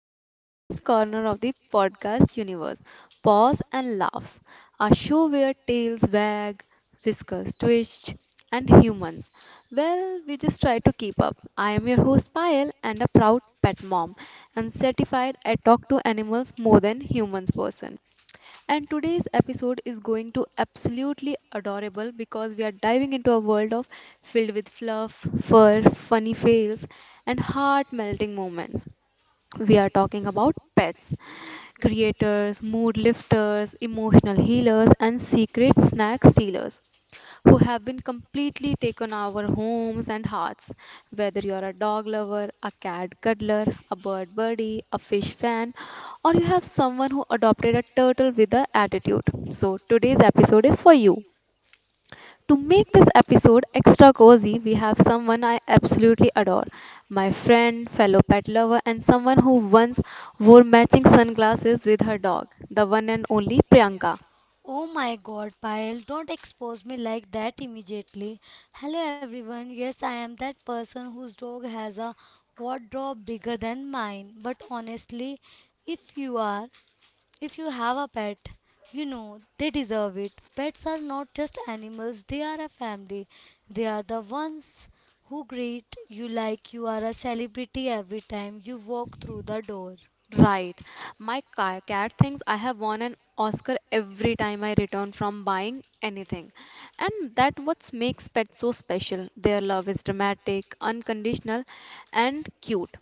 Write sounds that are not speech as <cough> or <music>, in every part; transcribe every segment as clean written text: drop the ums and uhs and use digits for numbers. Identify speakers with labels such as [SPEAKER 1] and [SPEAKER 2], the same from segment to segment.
[SPEAKER 1] to the cutest corner of the podcast universe, Paws and Laughs, a show where tails wag, whiskers twitch, and humans. Well, we just try to keep up. I am your host, Payal, and a proud pet mom, and certified I talk to animals more than humans person. And today's episode is going to absolutely adorable because we are diving into a world of filled with fluff, fur, funny fails, and heart melting moments. We are talking about pets, creators, mood lifters, emotional healers, and secret snack stealers who have been completely taken our homes and hearts. Whether you're a dog lover, a cat cuddler, a bird buddy, a fish fan, or you have someone who adopted a turtle with an attitude. So today's episode is for you. To make this episode extra cozy, we have someone I absolutely adore. My friend, fellow pet lover, and someone who once wore matching sunglasses with her dog, the one and only Priyanka.
[SPEAKER 2] Oh my god, Payal, don't expose me like that immediately. Hello everyone, yes, I am that person whose dog has a wardrobe bigger than mine. But honestly, if you are, if you have a pet, they deserve it. Pets are not just animals, they are a family. They are the ones who greet you like you are a celebrity every time you walk through the door.
[SPEAKER 1] Right. My cat thinks I have won an Oscar every time I return from buying anything. And that what makes pets so special. Their love is dramatic, unconditional, and cute.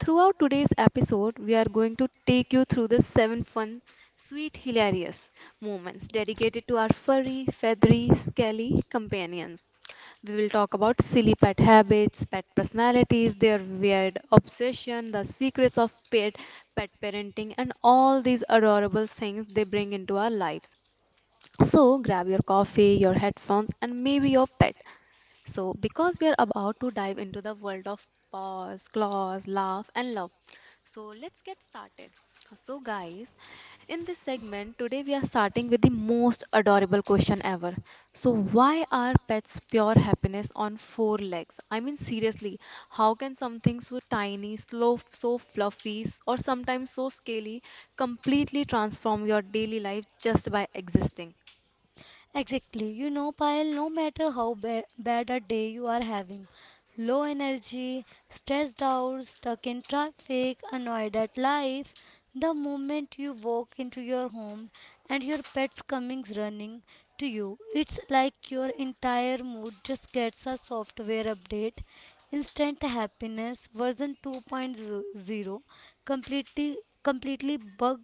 [SPEAKER 1] Throughout today's episode, we are going to take you through the seven fun, sweet, hilarious moments dedicated to our furry, feathery, scaly companions. We will talk about silly pet habits, pet personalities, their weird obsession, the secrets of pet parenting, and all these adorable things they bring into our lives. So, grab your coffee, your headphones, and maybe your pet so, because we are about to dive into the world of pause, claws, laugh, and love, so let's get started. So, guys, in this segment today we are starting with the most adorable question ever. So, why are pets pure happiness on four legs? I mean, seriously, how can something so tiny, slow, so fluffy, or sometimes so scaly completely transform your daily life just by existing?
[SPEAKER 2] Exactly. You know, Payal, no matter how bad a day you are having, low energy, stressed out, stuck in traffic, annoyed at life, the moment you walk into your home and your pet's coming running to you, it's like your entire mood just gets a software update. Instant happiness version 2.0, completely completely bug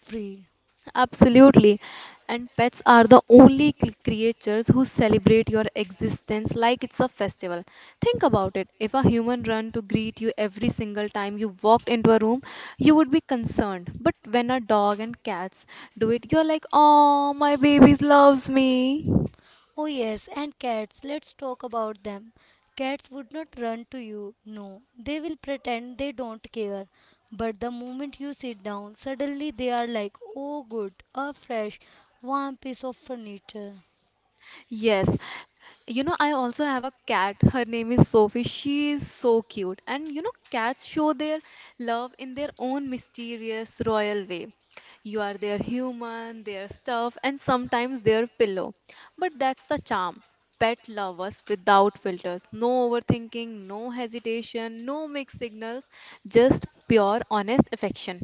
[SPEAKER 2] free.
[SPEAKER 1] Absolutely. And pets are the only creatures who celebrate your existence like it's a festival. Think about it. If a human ran to greet you every single time you walked into a room, you would be concerned. But when a dog and cats do it, you're like, oh, my baby loves me.
[SPEAKER 2] Oh, yes, and cats, let's talk about them. Cats would not run to you, no, they will pretend they don't care. But the moment you sit down, suddenly they are like, oh, good, a fresh, warm piece of furniture.
[SPEAKER 1] Yes. You know, I also have a cat. Her name is Sophie. She is so cute. And you know, cats show their love in their own mysterious, royal way. You are their human, their stuff, and sometimes their pillow. But that's the charm. Pet lovers without filters. No overthinking, no hesitation, no mixed signals, just pure, honest affection.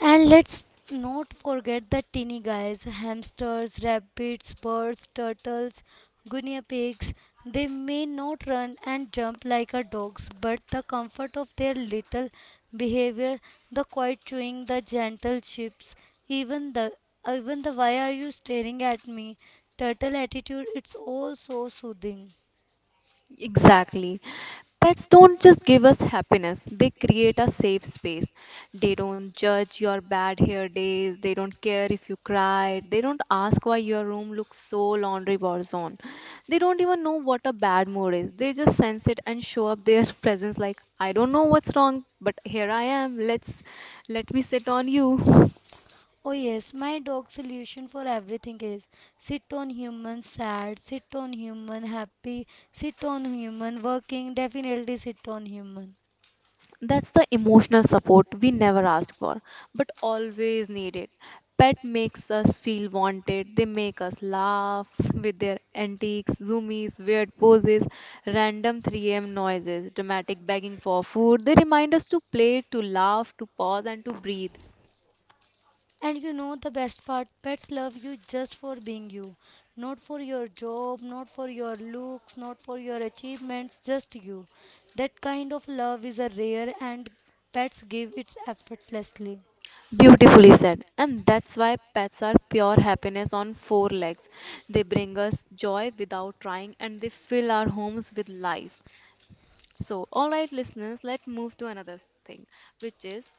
[SPEAKER 2] And let's not forget the teeny guys: hamsters, rabbits, birds, turtles, guinea pigs. They may not run and jump like our dogs, but the comfort of their little behavior, the quiet chewing, the gentle chips, even the even the why are you staring at me turtle attitude, it's all so soothing.
[SPEAKER 1] Exactly. Pets don't just give us happiness, they create a safe space. They don't judge your bad hair days, they don't care if you cried, they don't ask why your room looks so laundry was on. They don't even know what a bad mood is. They just sense it and show up their <laughs> presence like I don't know what's wrong, but here I am. Let me sit on you. <laughs>
[SPEAKER 2] Oh yes, my dog's solution for everything is sit on human sad, sit on human happy, sit on human working, definitely sit on human.
[SPEAKER 1] That's the emotional support we never asked for, but always needed. Pet makes us feel wanted. They make us laugh with their antics, zoomies, weird poses, random 3 a.m. noises, dramatic begging for food. They remind us to play, to laugh, to pause, and to breathe.
[SPEAKER 2] And you know the best part, pets love you just for being you, not for your job, not for your looks, not for your achievements, just you. That kind of love is a rare and pets give it effortlessly.
[SPEAKER 1] Beautifully said. And that's why pets are pure happiness on four legs. They bring us joy without trying, and they fill our homes with life. So, all right, listeners, let's move to another thing, which is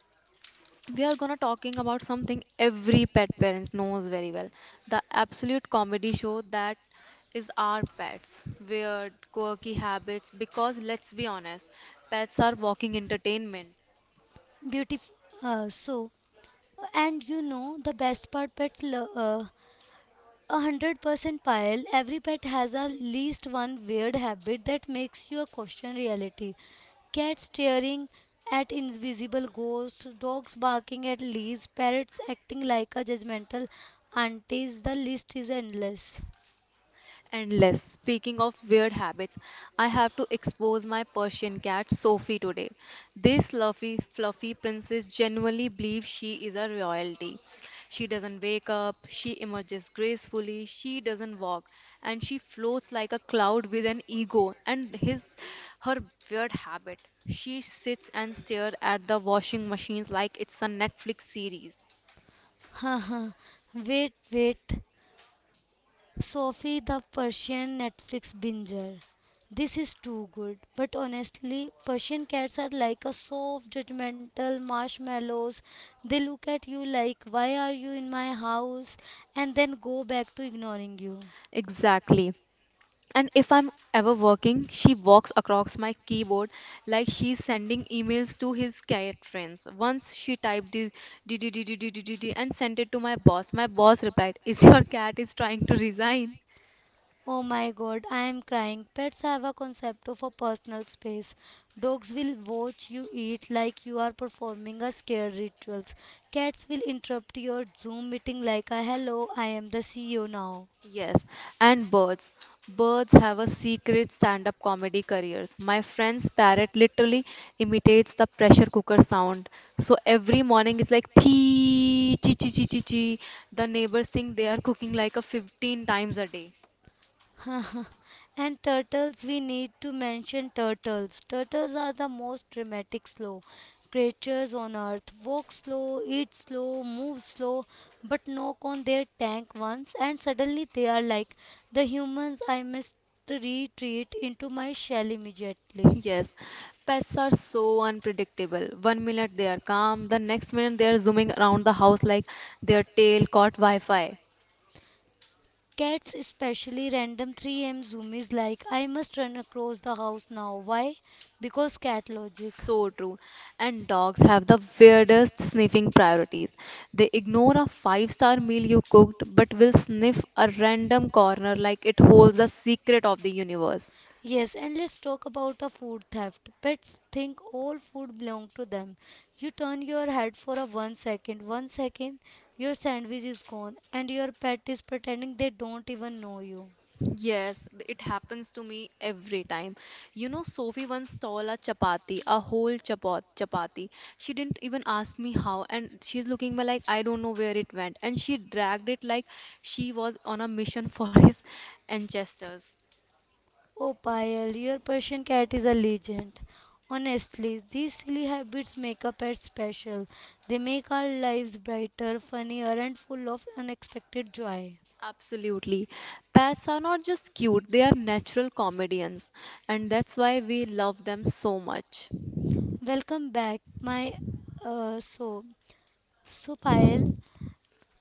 [SPEAKER 1] we are gonna talking about something every pet parents knows very well, the absolute comedy show that is our pets weird quirky habits because let's be honest, pets are walking entertainment.
[SPEAKER 2] Beautiful. Uh, so, and you know the best part, pets love. 100% pile. Every pet has at least one weird habit that makes you question reality. Cats staring at invisible ghosts, dogs barking at leads, parrots acting like a judgmental aunties. The list is endless.
[SPEAKER 1] Endless. Speaking of weird habits, I have to expose my Persian cat Sophie today. This fluffy, fluffy princess genuinely believes she is a royalty. She doesn't wake up, she emerges gracefully, she doesn't walk, and she floats like a cloud with an ego and his her weird habit. She sits and stares at the washing machines like it's a Netflix series.
[SPEAKER 2] <laughs> Haha. Wait. Sophie the Persian Netflix binger. This is too good, but honestly, Persian cats are like a soft, judgmental marshmallows. They look at you like, why are you in my house? And then go back to ignoring you.
[SPEAKER 1] Exactly. And if I'm ever working, she walks across my keyboard like she's sending emails to his cat friends. Once she typed DDDDDDDD and sent it to my boss. My boss replied, "Is your cat is trying to resign?"
[SPEAKER 2] Oh my god, I am crying. Pets have a concept of a personal space. Dogs will watch you eat like you are performing a scare rituals. Cats will interrupt your Zoom meeting like a hello, I am the CEO now.
[SPEAKER 1] Yes, and birds. Birds have a secret stand-up comedy careers. My friend's parrot literally imitates the pressure cooker sound. So every morning it's like pee, chi chi chi chi chi. The neighbors think they are cooking like a 15 times a day.
[SPEAKER 2] <laughs> And turtles, we need to mention turtles. Turtles are the most dramatic, slow creatures on earth. Walk slow, eat slow, move slow, but knock on their tank once, and suddenly they are like the humans I must retreat into my shell immediately.
[SPEAKER 1] Yes, pets are so unpredictable. One minute they are calm, the next minute they are zooming around the house like their tail caught Wi Fi.
[SPEAKER 2] Cats, especially random 3 a.m. zoomies, like I must run across the house now. Why? Because cat logic.
[SPEAKER 1] So true. And dogs have the weirdest sniffing priorities. They ignore a five-star meal you cooked but will sniff a random corner like it holds the secret of the universe.
[SPEAKER 2] Yes, and let's talk about a food theft. Pets think all food belong to them. You turn your head for a one second, your sandwich is gone, and your pet is pretending they don't even know you.
[SPEAKER 1] Yes, it happens to me every time. You know, Sophie once stole a chapati, a whole chapati. She didn't even ask me how, and she's looking me like I don't know where it went. And she dragged it like she was on a mission <laughs> for his ancestors.
[SPEAKER 2] Oh, Payal, your Persian cat is a legend. Honestly, these silly habits make a pet special. They make our lives brighter, funnier, and full of unexpected joy.
[SPEAKER 1] Absolutely. Pets are not just cute, they are natural comedians, and that's why we love them so much.
[SPEAKER 2] Welcome back, my uh, so Payal.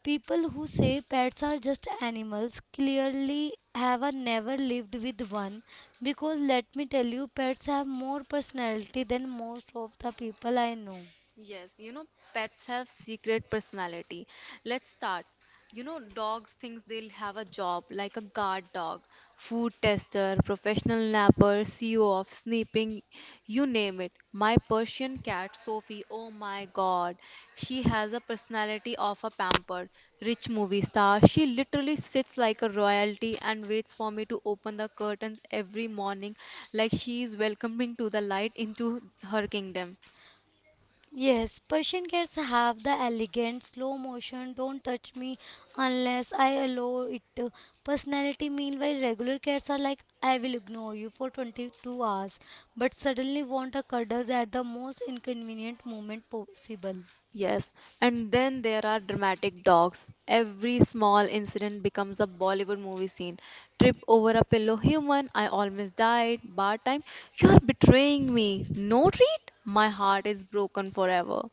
[SPEAKER 2] People who say pets are just animals clearly have a never lived with one because let me tell you, pets have more personality than most of the people I know.
[SPEAKER 1] Yes, you know, pets have secret personality. Let's start. You know, dogs thinks they'll have a job like a guard dog, food tester, professional napper, CEO of sneaking, you name it. My Persian cat, Sophie, oh my God, she has a personality of a pampered, rich movie star. She literally sits like a royalty and waits for me to open the curtains every morning, like she is welcoming to the light into her kingdom.
[SPEAKER 2] Yes, Persian cats have the elegant, slow motion, don't touch me unless I allow it personality. Meanwhile, regular cats are like, I will ignore you for 22 hours, but suddenly want a cuddle at the most inconvenient moment possible.
[SPEAKER 1] Yes, and then there are dramatic dogs. Every small incident becomes a Bollywood movie scene. Trip over a pillow human, I almost died. Bar time, you're betraying me. No treat? My heart is broken forever.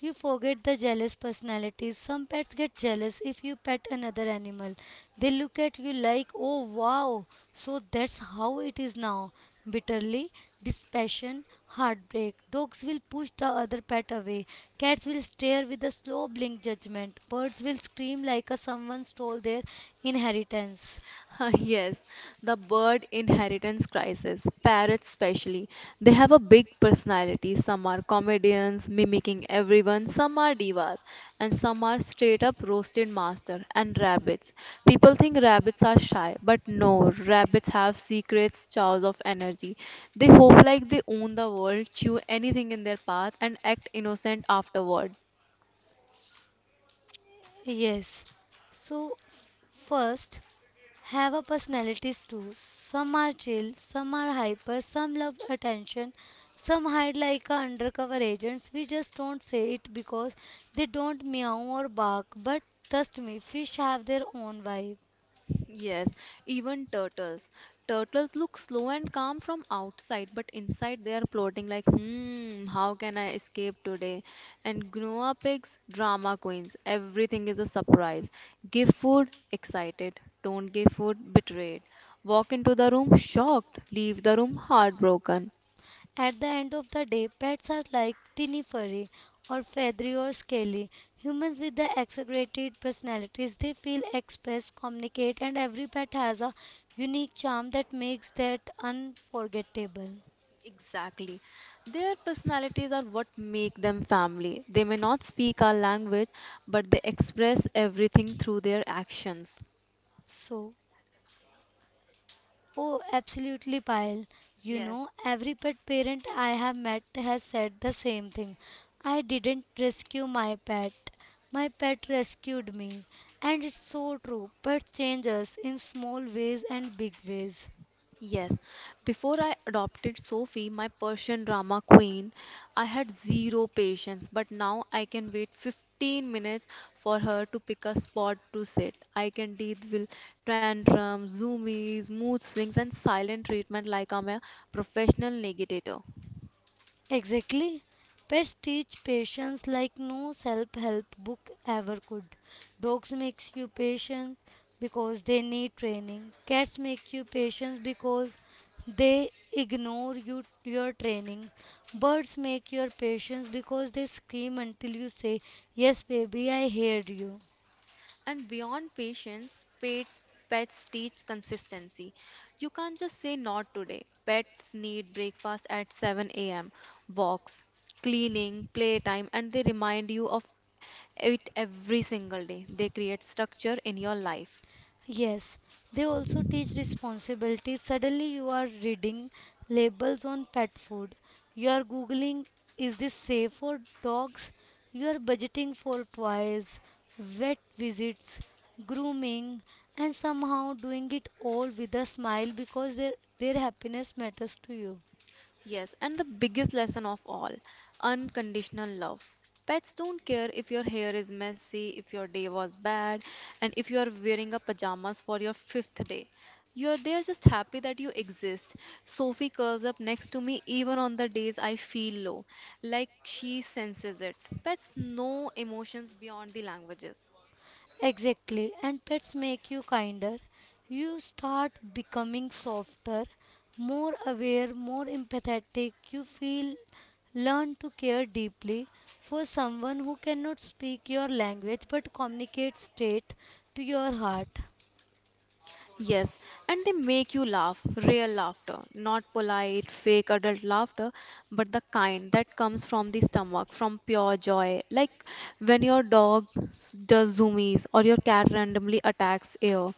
[SPEAKER 2] You forget the jealous personalities. Some pets get jealous if you pet another animal. They look at you like, oh wow, so that's how it is now. Bitterly, dispassion, heartbreak. Dogs will push the other pet away. Cats will stare with a slow blink judgment. Birds will scream like a someone stole their inheritance.
[SPEAKER 1] <laughs> Yes, the bird inheritance crisis, parrots especially. They have a big personality. Some are comedians mimicking everyone, some are divas, and some are straight up roasted master. And rabbits. People think rabbits are shy, but no, rabbits have secrets, chows of energy. They hope like they own the world, chew anything in their path, and act innocent afterward.
[SPEAKER 2] Yes. So, first, have a personalities too. Some are chill, some are hyper, some love attention, some hide like a undercover agents. We just don't say it because they don't meow or bark. But trust me, fish have their own vibe.
[SPEAKER 1] Yes, even turtles. Turtles look slow and calm from outside, but inside they are plotting like, hmm, how can I escape today? And Gnoa pigs, drama queens. Everything is a surprise. Give food, excited. Don't give food, betrayed. Walk into the room, shocked. Leave the room, heartbroken.
[SPEAKER 2] At the end of the day, pets are like teeny furry or feathery or scaly. Humans with the exaggerated personalities, they feel, express, communicate, and every pet has a unique charm that makes that unforgettable.
[SPEAKER 1] Exactly. Their personalities are what make them family. They may not speak our language, but they express everything through their actions.
[SPEAKER 2] So, oh, absolutely, Payal. You know,
[SPEAKER 1] Yes,
[SPEAKER 2] every pet parent I have met has said the same thing. I didn't rescue my pet. My pet rescued me. And it's so true. Pets change us in small ways and big ways.
[SPEAKER 1] yes. Before I adopted Sophie, my Persian drama queen, I had zero patience, but now I can wait 15 minutes for her to pick a spot to sit. I can deal with tantrums, zoomies, mood swings, and silent treatment like I'm a professional litigator.
[SPEAKER 2] Exactly. Pets teach patience like no self-help book ever could. Dogs makes you patient because they need training. Cats make you patient because they ignore you your training. Birds make your patience because they scream until you say, "Yes, baby, I heard you."
[SPEAKER 1] And beyond patience, pets teach consistency. You can't just say not today. Pets need breakfast at 7 a.m., walks, cleaning, playtime, and they remind you of it every single day. They create structure in your life.
[SPEAKER 2] Yes, they also teach responsibility. Suddenly, you are reading labels on pet food. You are googling, is this safe for dogs? You are budgeting for toys, vet visits, grooming, and somehow doing it all with a smile because their happiness matters to you.
[SPEAKER 1] Yes, and the biggest lesson of all unconditional love. Pets don't care if your hair is messy, if your day was bad, and if you are wearing a pajamas for your fifth day. You're They're just happy that you exist. Sophie curls up next to me even on the days I feel low, like she senses it. Pets know emotions beyond the languages.
[SPEAKER 2] Exactly, and pets make you kinder. You start becoming softer, more aware, more empathetic. You feel learn to care deeply for someone who cannot speak your language but communicates straight to your heart.
[SPEAKER 1] Yes, and they make you laugh, real laughter, not polite, fake adult laughter, but the kind that comes from the stomach, from pure joy. Like when your dog does zoomies, or your cat randomly attacks air,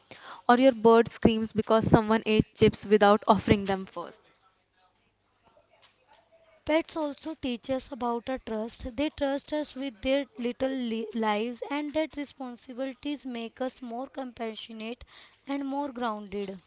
[SPEAKER 1] or your bird screams because someone ate chips without offering them first.
[SPEAKER 2] Pets also teach us about our trust. They trust us with their little lives, and that responsibilities make us more compassionate and more grounded.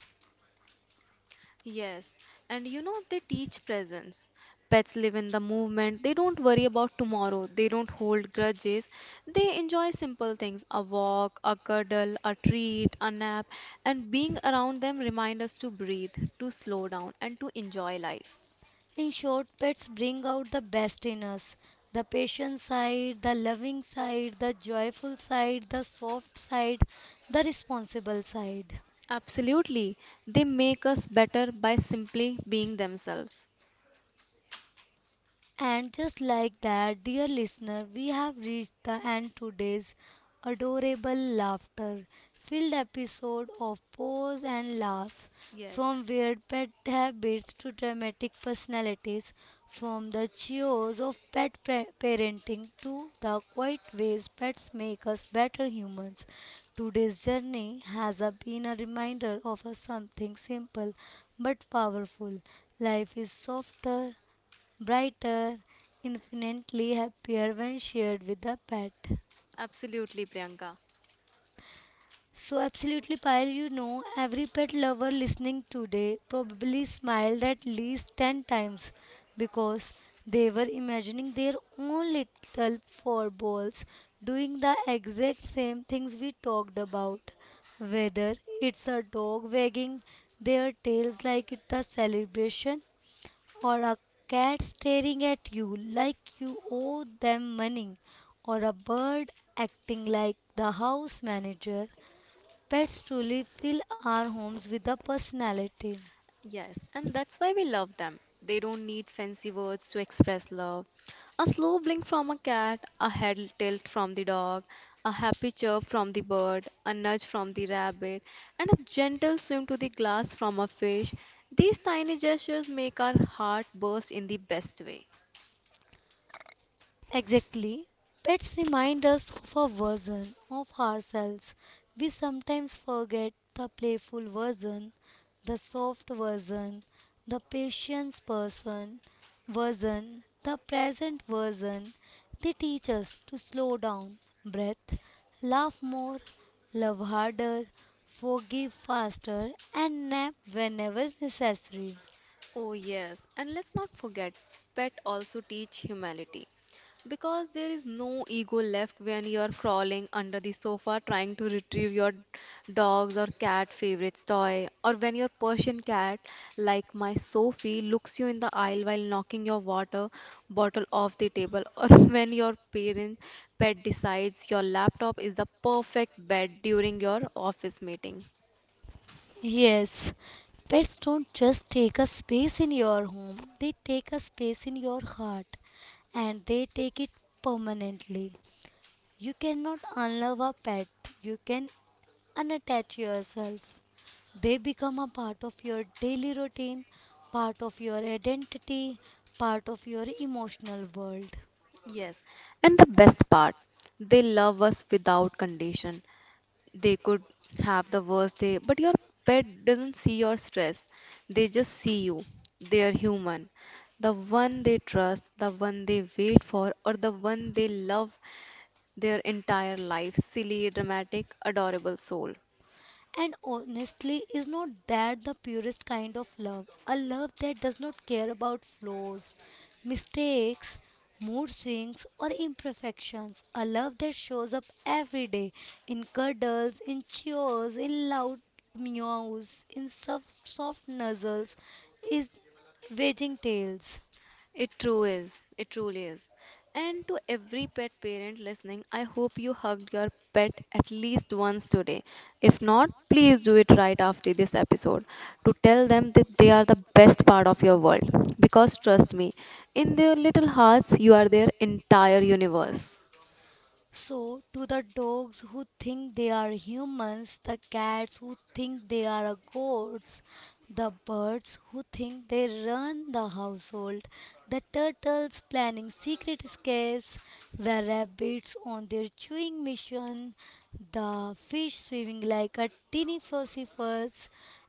[SPEAKER 1] Yes, and you know, they teach presence. Pets live in the movement, they don't worry about tomorrow, they don't hold grudges, they enjoy simple things a walk, a cuddle, a treat, a nap, and being around them remind us to breathe, to slow down, and to enjoy life.
[SPEAKER 2] In short, pets bring out the best in us: the patient side, the loving side, the joyful side, the soft side, the responsible side.
[SPEAKER 1] Absolutely, they make us better by simply being themselves.
[SPEAKER 2] And just like that, dear listener, we have reached the end today's adorable laughter filled episode of Pose and Laugh.
[SPEAKER 1] Yes,
[SPEAKER 2] From weird pet habits to dramatic personalities, from the cheers of parenting to the quiet ways pets make us better humans. Today's journey has been a reminder of a something simple but powerful. Life is softer, brighter, infinitely happier when shared with a pet.
[SPEAKER 1] absolutely, Priyanka.
[SPEAKER 2] So, absolutely, Payal, you know, every pet lover listening today probably smiled at least 10 times because they were imagining their own little four balls doing the exact same things we talked about. Whether it's a dog wagging their tails like it's a celebration, or a cat staring at you like you owe them money, or a bird acting like the house manager, pets truly fill our homes with a personality.
[SPEAKER 1] Yes, and that's why we love them. They don't need fancy words to express love. A slow blink from a cat, a head tilt from the dog, a happy chirp from the bird, a nudge from the rabbit, and a gentle swim to the glass from a fish. These tiny gestures make our heart burst in the best way.
[SPEAKER 2] Exactly. Pets remind us of a version of ourselves. We sometimes forget the playful version, the soft version, the patience person version, the present version. They teach us to slow down, breath, laugh more, love harder, forgive faster, and nap whenever necessary.
[SPEAKER 1] Oh, yes, and let's not forget, pet also teach humility because there is no ego left when you are crawling under the sofa trying to retrieve your dog's or cat favorite's toy, or when your Persian cat, like my Sophie, looks you in the aisle while knocking your water bottle off the table, or <laughs> when your parent pet decides your laptop is the perfect bed during your office meeting.
[SPEAKER 2] Yes, pets don't just take a space in your home, they take a space in your heart and they take it permanently. You cannot unlove a pet, you can unattach yourself. They become a part of your daily routine, part of your identity, part of your emotional world.
[SPEAKER 1] Yes, and the best part, they love us without condition. They could have the worst day, but your pet doesn't see your stress. They just see you. They are human. The one they trust, the one they wait for, or the one they love their entire life. Silly, dramatic, adorable soul.
[SPEAKER 2] And honestly, is not that the purest kind of love? A love that does not care about flaws, mistakes, mood swings, or imperfections. A love that shows up every day in cuddles, in cheers, in loud meows, in soft nuzzles, is waging tales.
[SPEAKER 1] It true is. It truly is. And to every pet parent listening, I hope you hugged your pet at least once today. If not, please do it right after this episode to tell them that they are the best part of your world. Because trust me, in their little hearts, you are their entire universe.
[SPEAKER 2] So, to the dogs who think they are humans, the cats who think they are goats, the birds who think they run the household, the turtles planning secret escapes, the rabbits on their chewing mission, the fish swimming like a teeny philosophers,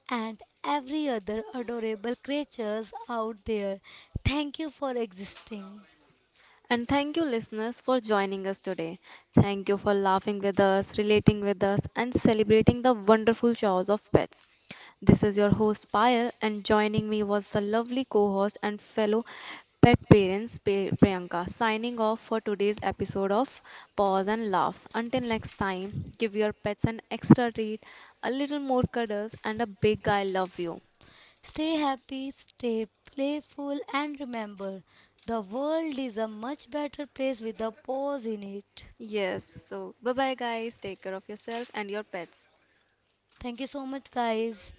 [SPEAKER 2] and every other adorable creatures out there. Thank you for existing.
[SPEAKER 1] And thank you, listeners, for joining us today. Thank you for laughing with us, relating with us, and celebrating the wonderful shows of pets. This is your host, Payal, and joining me was the lovely co host and fellow pet parents, Priyanka, signing off for today's episode of Paws and Laughs. Until next time, give your pets an extra treat, a little more cuddles, and a big I love you.
[SPEAKER 2] Stay happy, stay playful, and remember the world is a much better place with a pause in it.
[SPEAKER 1] Yes, so bye bye, guys. Take care of yourself and your pets.
[SPEAKER 2] Thank you so much, guys.